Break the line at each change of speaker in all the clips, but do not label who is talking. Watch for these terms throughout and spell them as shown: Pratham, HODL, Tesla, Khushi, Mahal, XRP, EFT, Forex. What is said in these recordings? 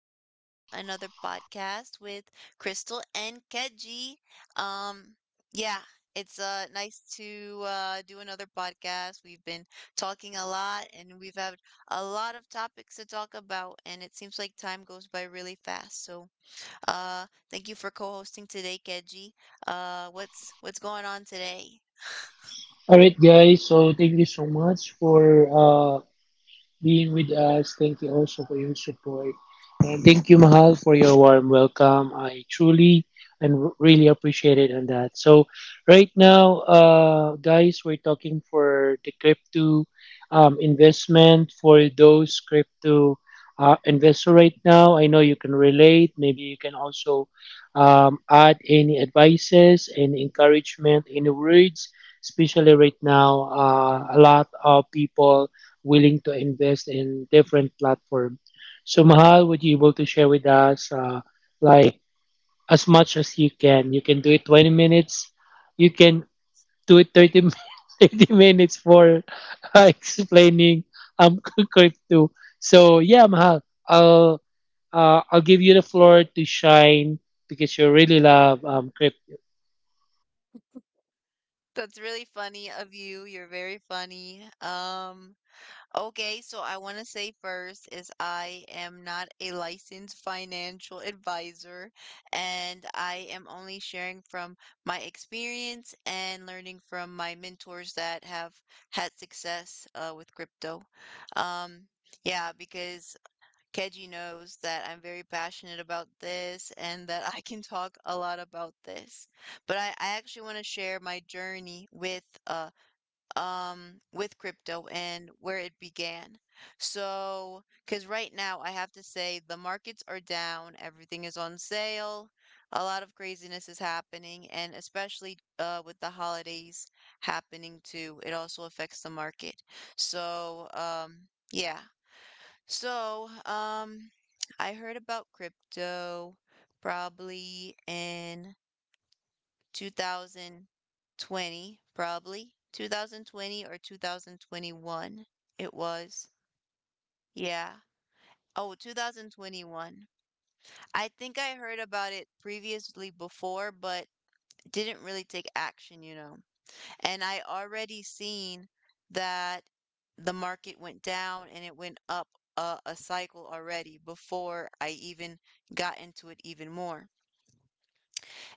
welcome to another podcast with Crystal and Keji. Um, yeah, it's nice to do another podcast. We've been talking a lot and we've had a lot of topics to talk about, and it seems like time goes by really fast. So, thank you for co-hosting today, Keji. What's going on today?
All right, guys. So thank you so much for being with us. Thank you also for your support. And thank you, Mahal, for your warm welcome. I truly and really appreciate it on that. So, right now, guys, we're talking for the crypto investment for those crypto investor right now. I know you can relate. Maybe you can also add any advices, any encouragement, any words. Especially right now, a lot of people willing to invest in different platform. So Mahal, would you able to share with us like as much as you can? You can do it 20 minutes. You can do it 30 minutes for explaining um crypto. So yeah, Mahal, I'll I'll give you the floor to shine because you really love crypto.
That's really funny of you. You're very funny. Okay, so I want to say first is I am not a licensed financial advisor, and I am only sharing from my experience and learning from my mentors that have had success with crypto. Um, yeah, because Keji knows that I'm very passionate about this and that I can talk a lot about this. But I actually want to share my journey with crypto and where it began. So, because right now I have to say the markets are down, everything is on sale, a lot of craziness is happening, and especially with the holidays happening too, it also affects the market. So, yeah. So, um, I heard about crypto probably in 2020, probably. 2020 or 2021. It was. Yeah. Oh, 2021. I think I heard about it previously before, but didn't really take action, you know. And I already seen that the market went down and it went up a cycle already before I even got into it even more.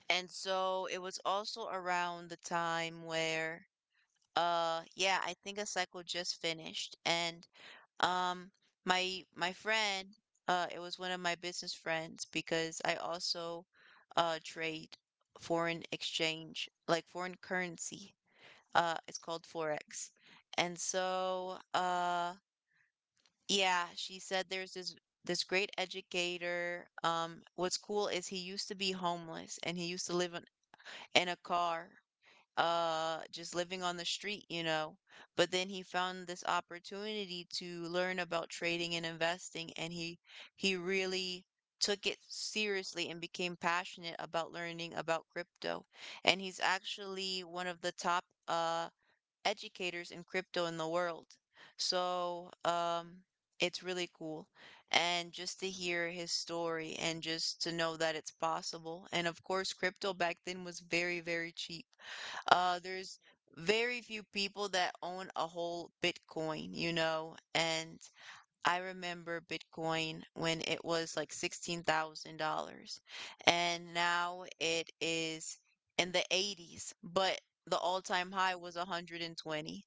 And so it was also around the time where yeah, I think a cycle just finished, and um, my friend, it was one of my business friends, because I also trade foreign exchange, like foreign currency. It's called Forex, and so yeah, she said there's this great educator. What's cool is he used to be homeless and he used to live in a car, just living on the street, you know. But then he found this opportunity to learn about trading and investing, and he really took it seriously and became passionate about learning about crypto, and he's actually one of the top educators in crypto in the world. So, it's really cool. And just to hear his story and just to know that it's possible. And of course, crypto back then was very, very cheap. There's very few people that own a whole Bitcoin, you know, and I remember Bitcoin when it was like $16,000, and now it is in the 80s, but the all-time high was 120.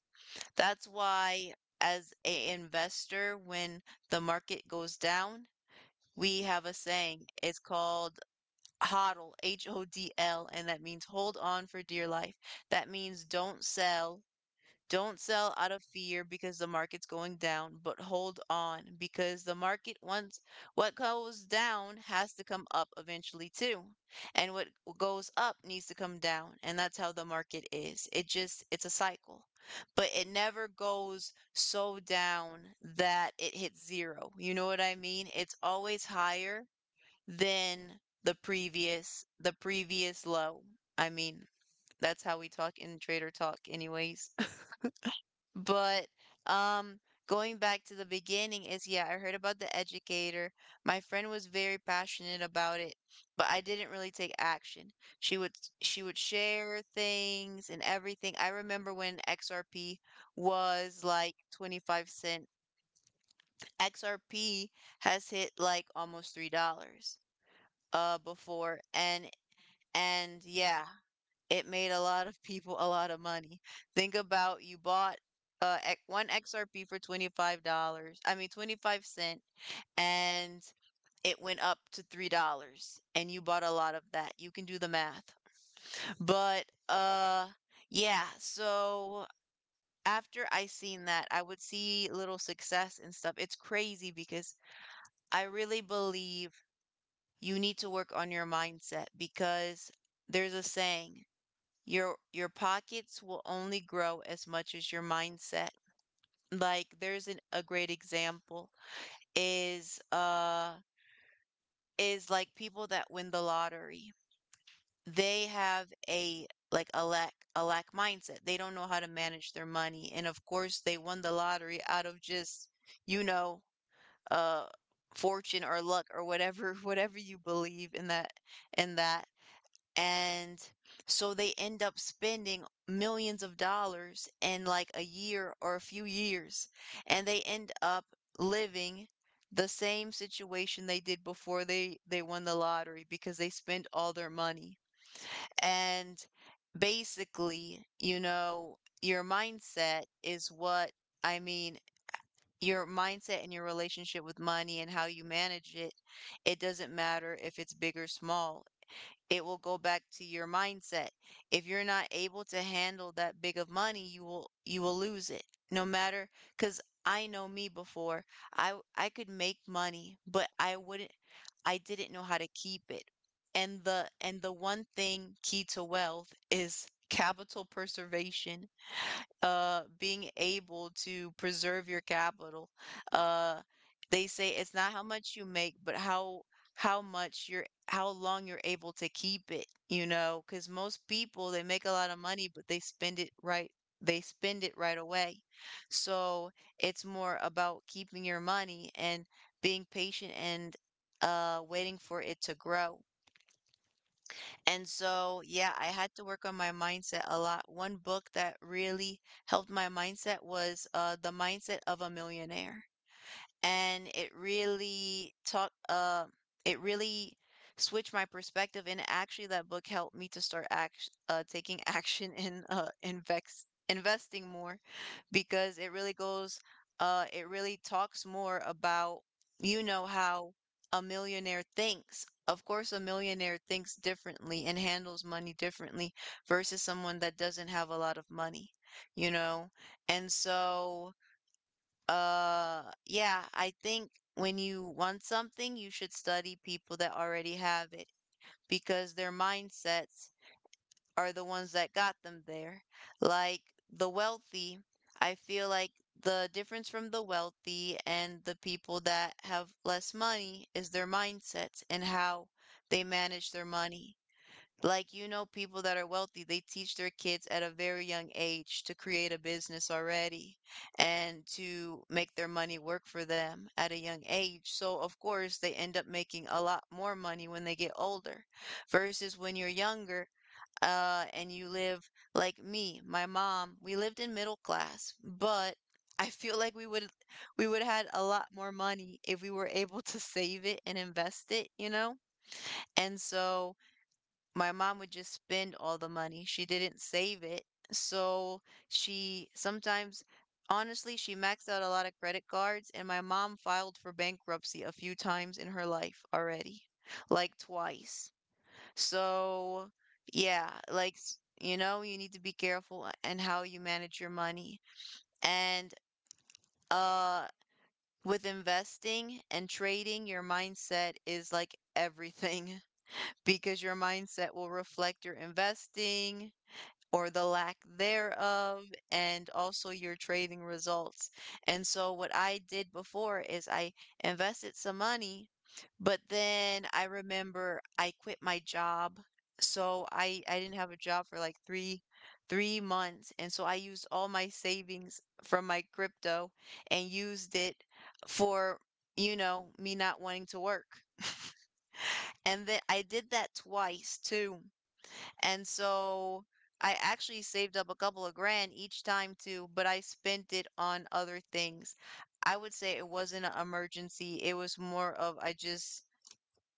That's why as a investor, when the market goes down, we have a saying. It's called HODL, H O D L, and that means hold on for dear life. That means don't sell out of fear because the market's going down, but hold on because the market, once what goes down has to come up eventually too. And what goes up needs to come down, and that's how the market is. It just it's a cycle. But it never goes so down that it hits zero. You know what I mean? It's always higher than the previous low. I mean, that's how we talk in trader talk anyways. But um going back to the beginning is, yeah, I heard about the educator. My friend was very passionate about it, but I didn't really take action. She would she would share things and everything. I remember when XRP was like 25 cents. XRP has hit like almost $3 dollars before, and yeah, it made a lot of people a lot of money. Think about you bought one XRP for $25, dollars. I mean 25 cents, and it went up to $3 dollars, and you bought a lot of that. You can do the math. But yeah, so after I seen that, I would see little success and stuff. It's crazy because I really believe you need to work on your mindset, because there's a saying, your pockets will only grow as much as your mindset. Like there's a great example is like people that win the lottery. They have a like a lack mindset. They don't know how to manage their money. And of course they won the lottery out of just, you know, uh fortune or luck or whatever, whatever you believe in, that in that And so they end up spending millions of dollars in like a year or a few years, and they end up living the same situation they did before they won the lottery, because they spent all their money. And basically, you know, your mindset is what I mean, your mindset and your relationship with money and how you manage it, it doesn't matter if it's big or small, it will go back to your mindset. If you're not able to handle that big of money, you will lose it. No matter, cuz I know me before, I could make money, but I didn't know how to keep it. And the one thing key to wealth is capital preservation, being able to preserve your capital. Uh, they say it's not how much you make, but how much you're how long you're able to keep it, you know, because most people they make a lot of money, but they spend it right. They spend it right away. So it's more about keeping your money and being patient and, waiting for it to grow. And so, yeah, I had to work on my mindset a lot. One book that really helped my mindset was, The Mindset of a Millionaire, and it really taught it really switched my perspective, and actually that book helped me to start act taking action in investing more, because it really goes it really talks more about, you know, how a millionaire thinks. Of course a millionaire thinks differently and handles money differently versus someone that doesn't have a lot of money, you know. And so, yeah, I think when you want something, you should study people that already have it, because their mindsets are the ones that got them there. Like the wealthy, I feel like the difference from the wealthy and the people that have less money is their mindsets and how they manage their money. Like, you know, people that are wealthy, they teach their kids at a very young age to create a business already and to make their money work for them at a young age. So, of course, they end up making a lot more money when they get older versus when you're younger. And you live like me, my mom, we lived in middle class, but I feel like we would had a lot more money if we were able to save it and invest it, you know? And so my mom would just spend all the money. She didn't save it. So she sometimes, honestly, she maxed out a lot of credit cards, and my mom filed for bankruptcy a few times in her life already, like twice. So, yeah, like, you know, you need to be careful and how you manage your money. And, uh, with investing and trading, your mindset is like everything because your mindset will reflect your investing or the lack thereof, and also your trading results. And so, what I did before is I invested some money, but then I remember I quit my job. So I didn't have a job for like 3 months, and so I used all my savings from my crypto and used it for, you know, me not wanting to work. And then I did that twice too, and so I actually saved up a couple of grand each time too, but I spent it on other things. I would say it wasn't an emergency. It was more of I just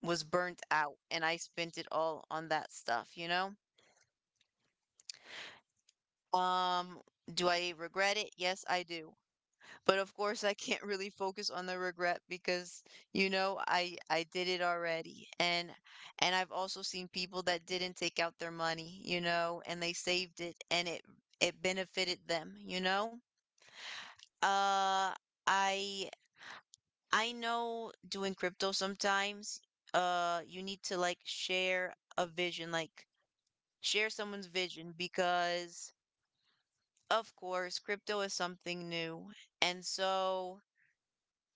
was burnt out and I spent it all on that stuff, you know? Um, do I regret it? Yes, I do. But of course, I can't really focus on the regret because, you know, I did it already. And I've also seen people that didn't take out their money, you know, and they saved it and it it benefited them, you know? Uh I I know doing crypto sometimes, you need to like share a vision, like share someone's vision, because of course, crypto is something new. And so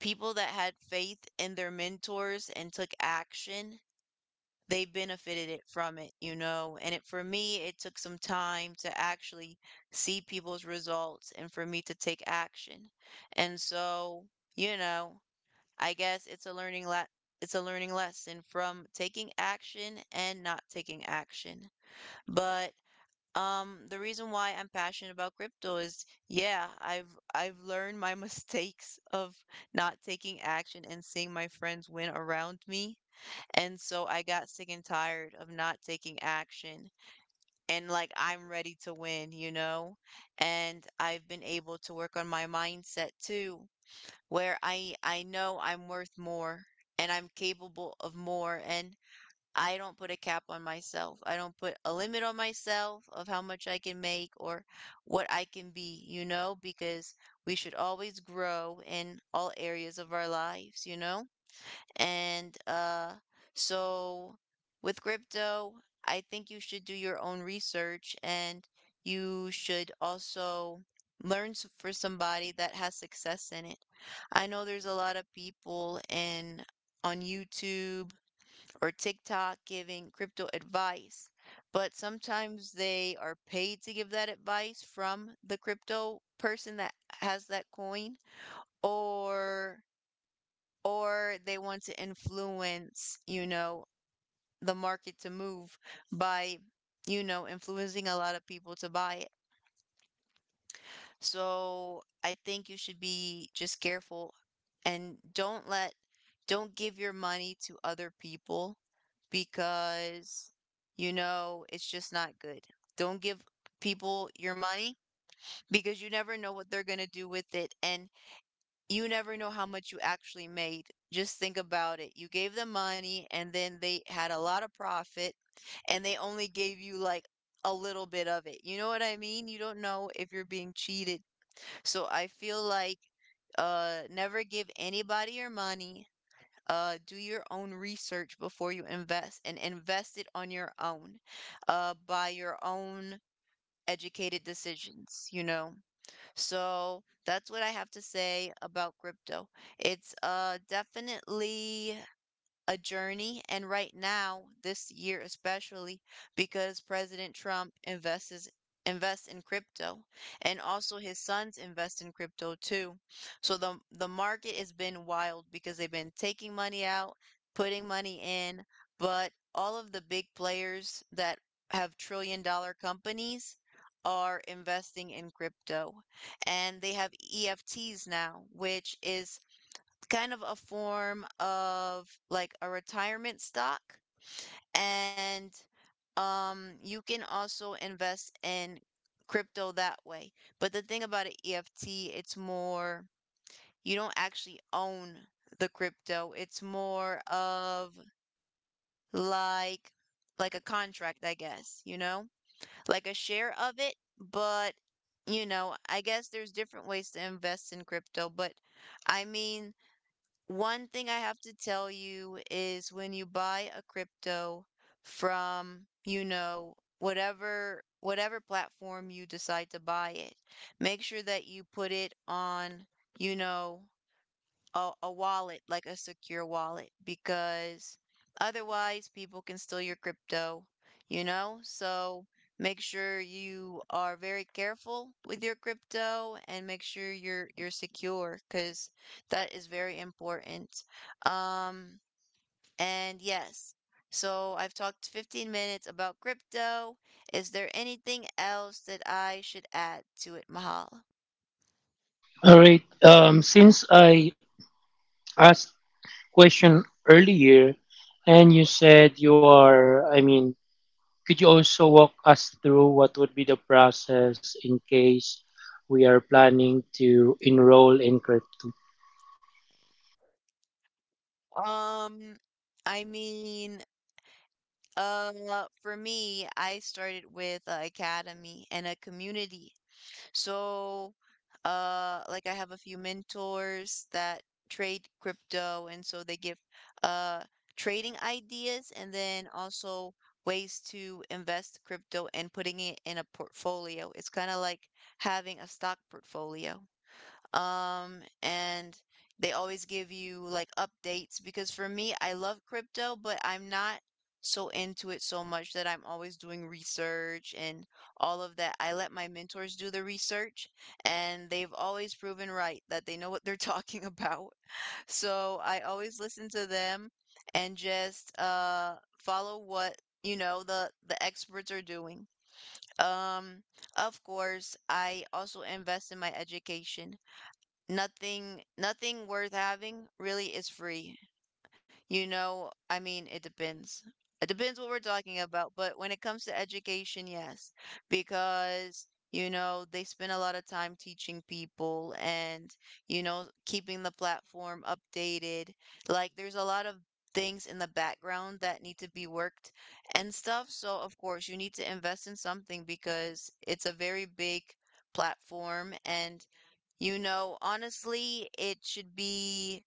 people that had faith in their mentors and took action, they benefited it from it, you know? And it, for me, it took some time to actually see people's results and for me to take action. And so, you know, I guess it's it's a learning lesson from taking action and not taking action. But the reason why I'm passionate about crypto is, yeah, I've learned my mistakes of not taking action and seeing my friends win around me. And so I got sick and tired of not taking action. And like I'm ready to win, you know? And I've been able to work on my mindset too, where I know I'm worth more and I'm capable of more. And I don't put a cap on myself. I don't put a limit on myself of how much I can make or what I can be, you know, because we should always grow in all areas of our lives, you know? And so with crypto, I think you should do your own research and you should also for somebody that has success in it. I know there's a lot of people in on YouTube or TikTok giving crypto advice, but sometimes they are paid to give that advice from the crypto person that has that coin or or they want to influence, you know, the market to move by, you know, influencing a lot of people to buy it. So I think you should be just careful and don't give your money to other people because, you know, it's just not good. Don't give people your money because you never know what they're going to do with it and you never know how much you actually made. Just think about it. You gave them money and then they had a lot of profit and they only gave you like a little bit of it. You know what I mean? You don't know if you're being cheated, so I feel like never give anybody your money. Do your own research before you invest and invest it on your own by your own educated decisions, you know. So that's what I have to say about crypto. It's definitely a journey. And right now, this year especially, because President Trump invests in crypto and also his sons invest in crypto too. So the market has been wild because they've been taking money out, putting money in, but all of the big players that have trillion dollar companies are investing in crypto, and they have EFTs now, which is kind of a form of like a retirement stock and you can also invest in crypto that way. But the thing about an EFT, it's more you don't actually own the crypto. It's more of like like a contract, I guess, you know? Like a share of it, but you know, I guess there's different ways to invest in crypto. But I mean, one thing I have to tell you is when you buy a crypto from, you know, whatever platform you decide to buy it, make sure that you put it on, you know, a wallet, like a secure wallet, because otherwise people can steal your crypto, you know? So make sure you are very careful with your crypto and make sure you're secure, because that is very important. Um, and yes. So I've talked 15 minutes about crypto. Is there anything else that I should add to it, Mahal?
All right. Since I asked question earlier, and you said you are, I mean, could you also walk us through what would be the process in case we are planning to enroll in crypto?
Um, I mean, Uh, for me, I started with an academy and a community. So, like I have a few mentors that trade crypto, and so they give uh trading ideas and then also ways to invest crypto and putting it in a portfolio. It's kind of like having a stock portfolio, and they always give you like updates, because for me I love crypto, but I'm not so into it so much that I'm always doing research and all of that. I let my mentors do the research, and they've always proven right that they know what they're talking about. So I always listen to them and just follow what, you know, the experts are doing. Um of course, I also invest in my education. Nothing worth having really is free. You know, I mean, it depends. It depends what we're talking about, but when it comes to education, yes, because you know, they spend a lot of time teaching people and you know, keeping the platform updated. Like there's a lot of things in the background that need to be worked and stuff. So, of course, you need to invest in something because it's a very big platform, and you know, honestly, it should be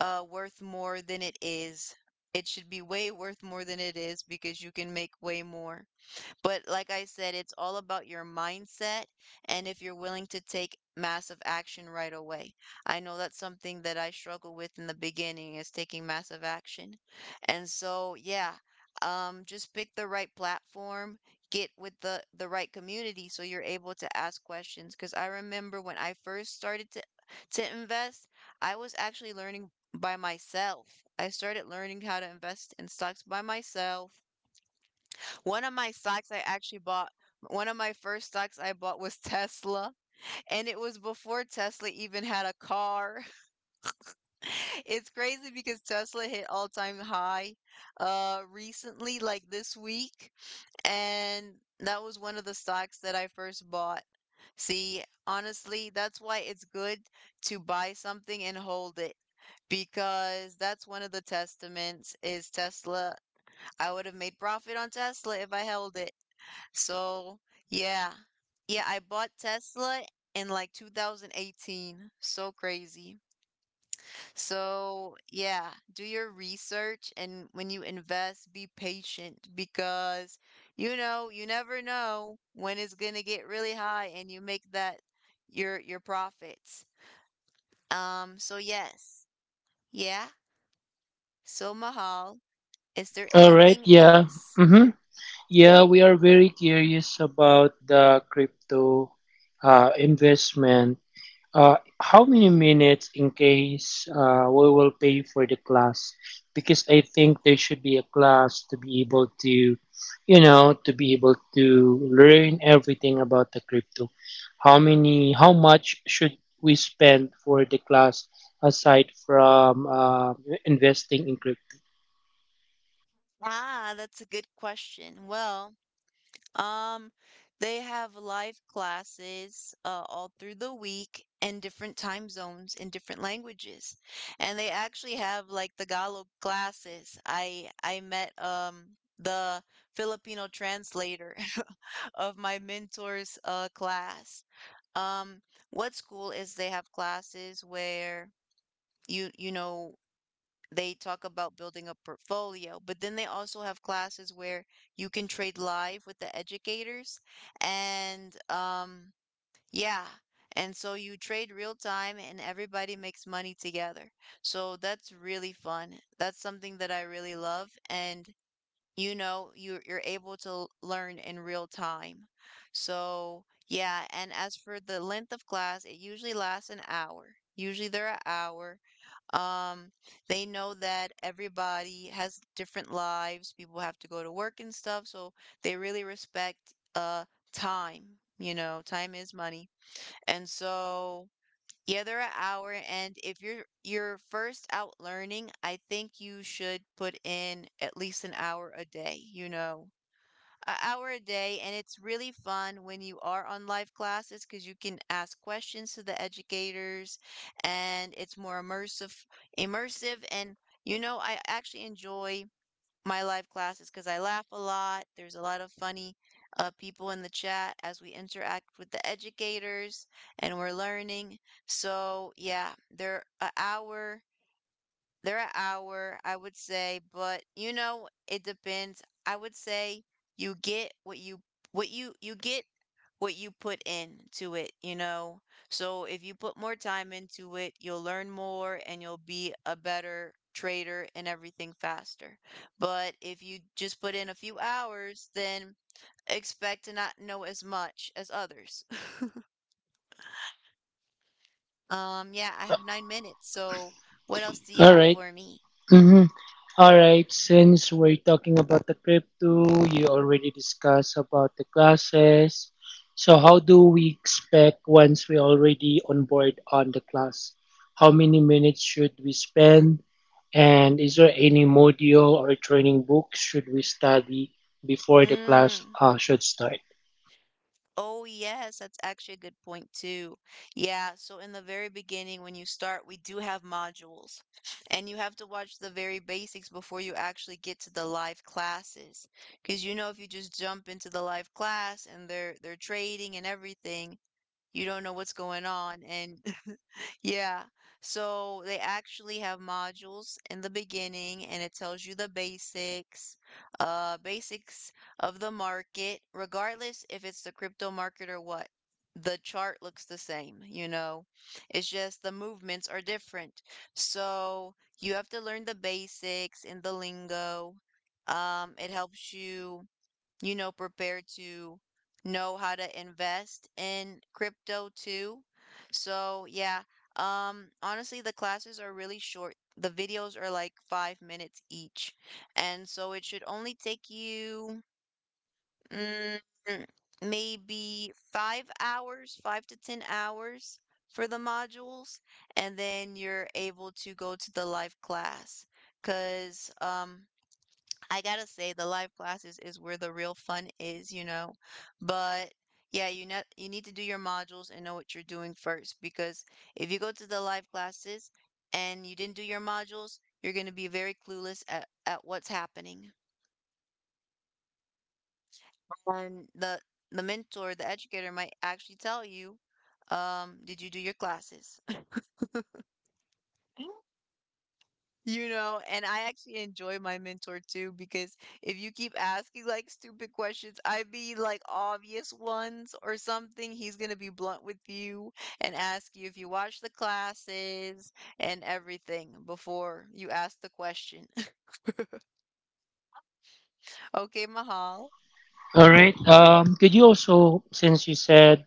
worth more than it is. It should be way worth more than it is, because you can make way more. But like I said, it's all about your mindset and if you're willing to take massive action right away. I know that's something that I struggle with in the beginning is taking massive action. And so, yeah, just pick the right platform, get with the right community so you're able to ask questions. Because I remember when I first started to invest, I was actually learning by myself. I started learning how to invest in stocks by myself. One of my stocks I actually bought, One of my first stocks I bought was Tesla, and it was before Tesla even had a car. It's crazy because Tesla hit all-time high recently, like this week, and that was one of the stocks that I first bought. See, honestly, that's why it's good to buy something and hold it, because that's one of the testaments is Tesla. I would have made profit on Tesla if I held it. So, yeah. Yeah, I bought Tesla in like 2018. So crazy. So, yeah, do your research, and when you invest, be patient because you know, you never know when it's gonna get really high and you make that your profits. So yes. Yeah. So Mahal, is there
All right,
anything
yeah.
else?
Mm-hmm. Yeah, we are very curious about the crypto investment. How many minutes in case we will pay for the class? Because I think there should be a class to be able to, you know, to be able to learn everything about the crypto. How much should we spend for the class aside from investing in crypto?
Ah, that's a good question. Um, they have live classes all through the week in different time zones in different languages. And they actually have like the Tagalog classes. I met the Filipino translator of my mentor's class. Um, what's cool is they have classes where you know they talk about building a portfolio, but then they also have classes where you can trade live with the educators. And yeah, and so you trade real time and everybody makes money together. So that's really fun. That's something that I really love. And you know, you're able to learn in real time. So, yeah, and as for the length of class, it usually lasts an hour. Usually they're an hour. Um, they know that everybody has different lives. People have to go to work and stuff, so they really respect time. You know, time is money. And so, yeah, they're an hour. And if you're first out learning, I think you should put in at least an hour a day, you know, an hour a day. And it's really fun when you are on live classes because you can ask questions to the educators, and it's more immersive. And you know, I actually enjoy my live classes because I laugh a lot. There's a lot of funny people in the chat as we interact with the educators and we're learning. So yeah, they're an hour, they're an hour, I would say, but you know, it depends. I would say you get what you get what you put into it, you know? So if you put more time into it, you'll learn more and you'll be a better trader and everything faster. But if you just put in a few hours, then expect to not know as much as others. Yeah, I have 9 minutes. So what else do you
All
have
right.
for me?
Mhm. All right, since we're talking about the crypto, you already discussed about the classes. So how do we expect once we already on board on the class? How many minutes should we spend? And is there any module or training book should we study before the class
Mm.
should start?
Oh, yes, that's actually a good point too. Yeah, so in the very beginning, when you start, we do have modules, and you have to watch the very basics before you actually get to the live classes. Because you know, if you just jump into the live class and they're trading and everything, you don't know what's going on, and yeah. So they actually have modules in the beginning, and it tells you the basics, basics of the market, regardless if it's the crypto market or what. The chart looks the same, you know. It's just the movements are different. So you have to learn the basics and the lingo. It helps you, you know, prepared to know how to invest in crypto too. So, yeah, honestly, the classes are really short. The videos are like 5 minutes each. And so it should only take you, mm, maybe 5 hours, five to 10 hours for the modules. And then you're able to go to the live class. Because, um. I gotta say the live classes is where the real fun is, you know. But yeah, you need to do your modules and know what you're doing first, because if you go to the live classes and you didn't do your modules, you're gonna be very clueless at, what's happening. And the mentor, the educator, might actually tell you, did you do your classes? You know, and I actually enjoy my mentor too, because if you keep asking like stupid questions, I be like obvious ones or something, he's gonna be blunt with you and ask you if you watch the classes and everything before you ask the question. Okay, Mahal.
All right. Could you also, since you said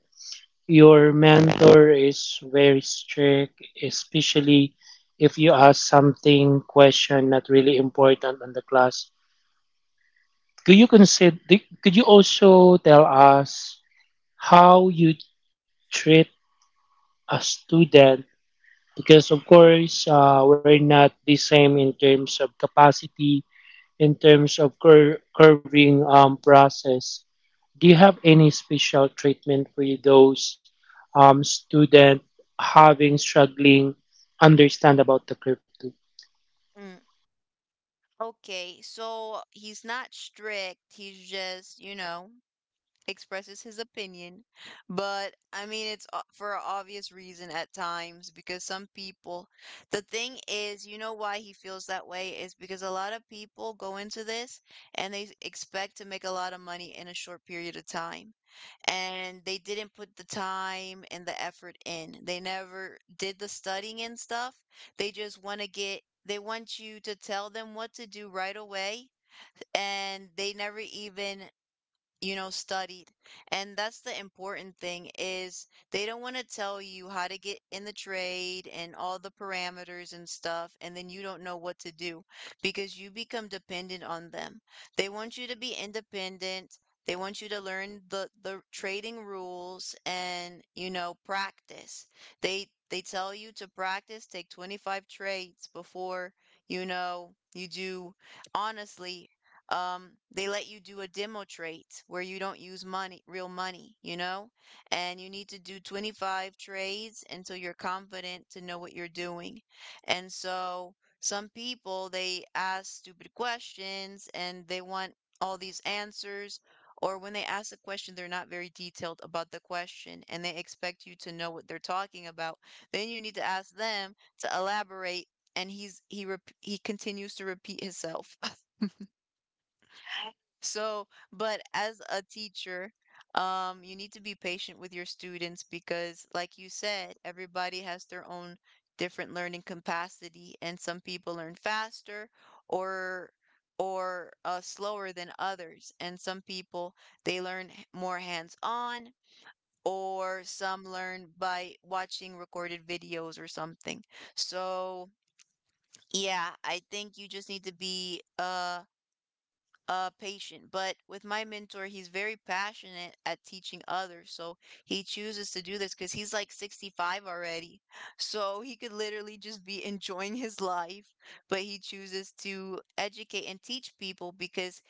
your mentor is very strict, especially if you ask something, question not really important on the class. Could you consider? Could you also tell us how you treat a student? Because of course, we're not the same in terms of capacity, in terms of curving process. Do you have any special treatment for those student having struggling understand about the crypto?
Mm, okay, so he's not strict. He's just, you know, expresses his opinion, but I mean, for an obvious reason at times because some people, the thing is, you know why he feels that way is because a lot of people go into this and they expect to make a lot of money in a short period of time. And they didn't put the time and the effort in. They never did the studying and stuff. They want you to tell them what to do right away, and they never even, you know, studied. And that's the important thing, is they don't want to tell you how to get in the trade and all the parameters and stuff, and then you don't know what to do because you become dependent on them. They want you to be independent. They want you to learn the trading rules, and, you know, practice. They tell you to practice, take 25 trades before, you know, you do. Honestly, they let you do a demo trade where you don't use money, real money, you know? And you need to do 25 trades until you're confident to know what you're doing. And so some people, they ask stupid questions and they want all these answers. Or when they ask a question, they're not very detailed about the question, and they expect you to know what they're talking about. Then you need to ask them to elaborate. And he continues to repeat himself. So, but as a teacher, you need to be patient with your students because, like you said, everybody has their own different learning capacity, and some people learn faster, or slower than others, and some people, they learn more hands-on, or some learn by watching recorded videos or something. So, yeah, I think you just need to be patient. But with my mentor, he's very passionate at teaching others, so he chooses to do this because he's like 65 already. So he could literally just be enjoying his life, but he chooses to educate and teach people because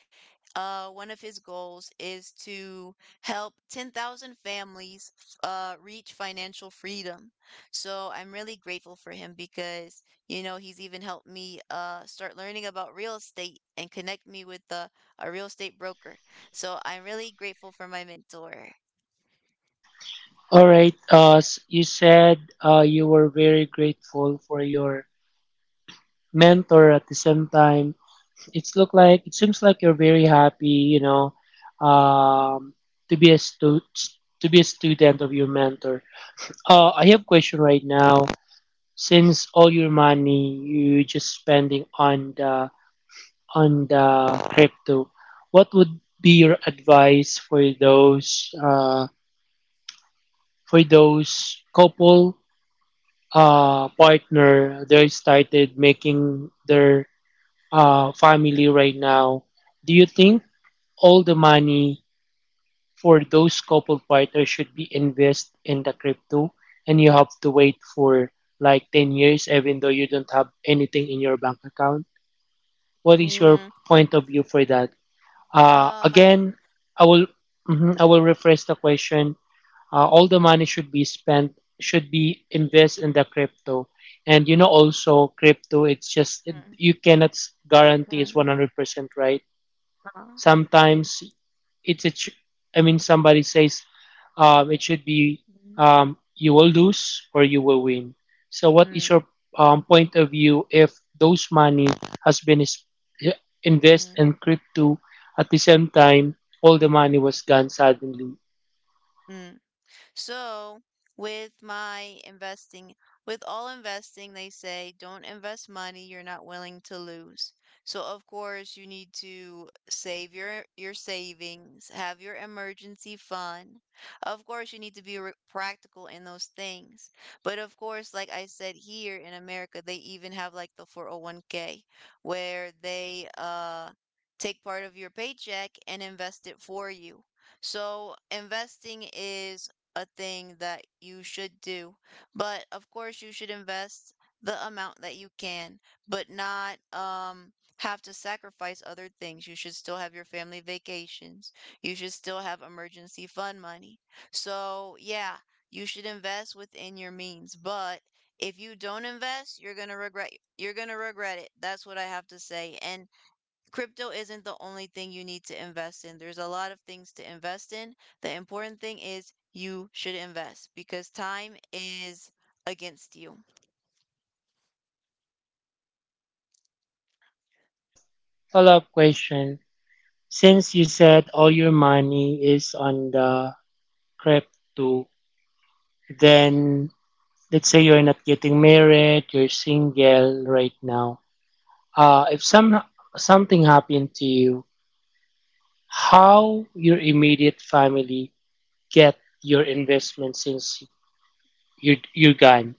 one of his goals is to help 10,000 families reach financial freedom. So I'm really grateful for him because, you know, he's even helped me start learning about real estate and connect me with a real estate broker. So I'm really grateful for my mentor.
All right. You said you were very grateful for your mentor. At the same time, it seems like you're very happy. You know, um, to be a to be a student of your mentor. I have question right now. Since all your money you just spending on the crypto, what would be your advice for those couple partner they started making their family right now? Do you think all the money for those couple partners should be invest in the crypto and you have to wait for like 10 years even though you don't have anything in your bank account? What is your
嗯，
point of view for that? Uh,
啊，买，
again, I will mhm, I will rephrase the question. All the money should be spent should be invest in the crypto, and you know also crypto.
嗯
You cannot guarantee it's
嗯
100% right.
啊，
Sometimes it's it. Sh- I mean, somebody says it should be
嗯
you will lose or you will win. So, what is
嗯
your point of view if those money has been is, invested in
嗯
crypto at the same time all the money was gone suddenly?
嗯。So, with my investing, with all investing, they say don't invest money you're not willing to lose. So, of course, you need to save your savings, have your emergency fund. Of course, you need to be practical in those things. But of course, like I said, here in America, they even have like the 401k, where they take part of your paycheck and invest it for you. So investing is a thing that you should do. But of course, you should invest the amount that you can, but not have to sacrifice other things. You should still have your family vacations. You should still have emergency fund money. So, yeah, you should invest within your means, but if you don't invest, you're going to regret it. That's what I have to say. And crypto isn't the only thing you need to invest in. There's a lot of things to invest in. The important thing is you should invest, because time is against you.
Follow follow-up question. Since you said all your money is on the crypto, then let's say you're not getting married, you're single right now. If something happened to you, how your immediate family get your investment since you're gone?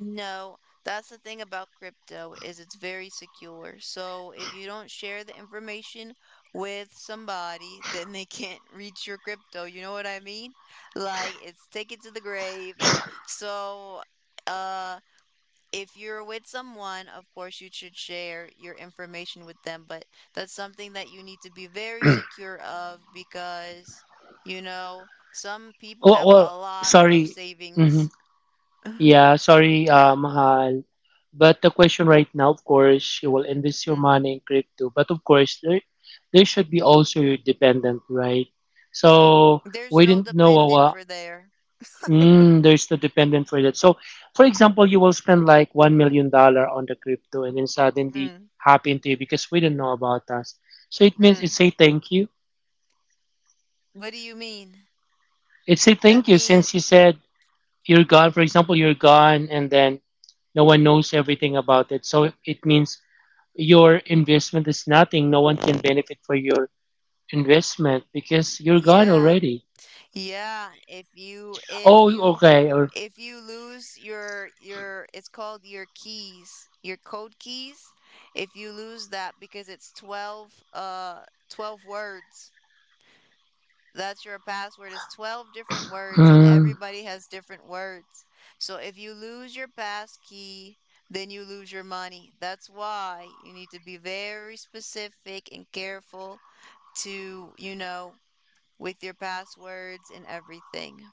No, that's the thing about crypto, is it's very secure. So if you don't share the information with somebody, then they can't reach your crypto. You know what I mean? Like, it's take it to the grave. So uh if you're with someone, of course, you should share your information with them, but that's something that you need to be very secure of because, you know, some people
Well,
have
well
a lot of
sorry. hmm
savings.
Yeah, sorry, Mahal. But the question right now, of course, you will invest your
Mm,
money in crypto. But of course, there should be also your dependent, right?
mm.
So
There's
we
no
didn't know
dependent for there.
There's the dependent for that. So, for example, you will spend like $1 million on the crypto, and then suddenly
Mm,
happen to you because we don't know about us. So it means it
mm.
say thank you.
What do you mean?
It say
That
thank you
mean,
since you said you're gone. For example, you're gone, and then no one knows everything about it. So it means your investment is nothing. No one can benefit for your investment because you're gone
yeah,
already.
yeah.
Oh, okay.
If you lose your it's called your keys, your code keys. If you lose that, because it's 12 words. That's your password. It's 12 different words, and
Mm,
everybody has different words. So if you lose your pass key, then you lose your money. That's why you need to be very specific and careful to, you know, with your passwords and everything.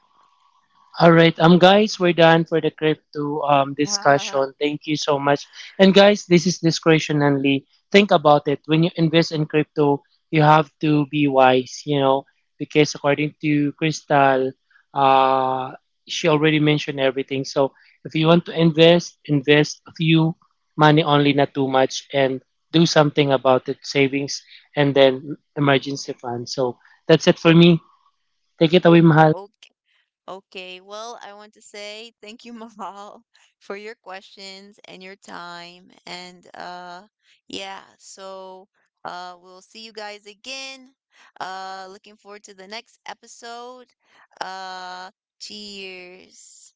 all right, guys, we're done for the crypto discussion. Thank you so much. And guys, this is discretion only. Think about it. When you invest in crypto, you have to be wise, you know, because according to Crystal, uh, she already mentioned everything. So if you want to invest, invest a few money only, not too much, and do something about it, savings, and then emergency fund. So that's it for me. Take it away, Mahal.
Okay. Okay, well, I want to say thank you, Mahal, for your questions and your time. And yeah, so we'll see you guys again. Looking forward to the next episode. Uh Cheers.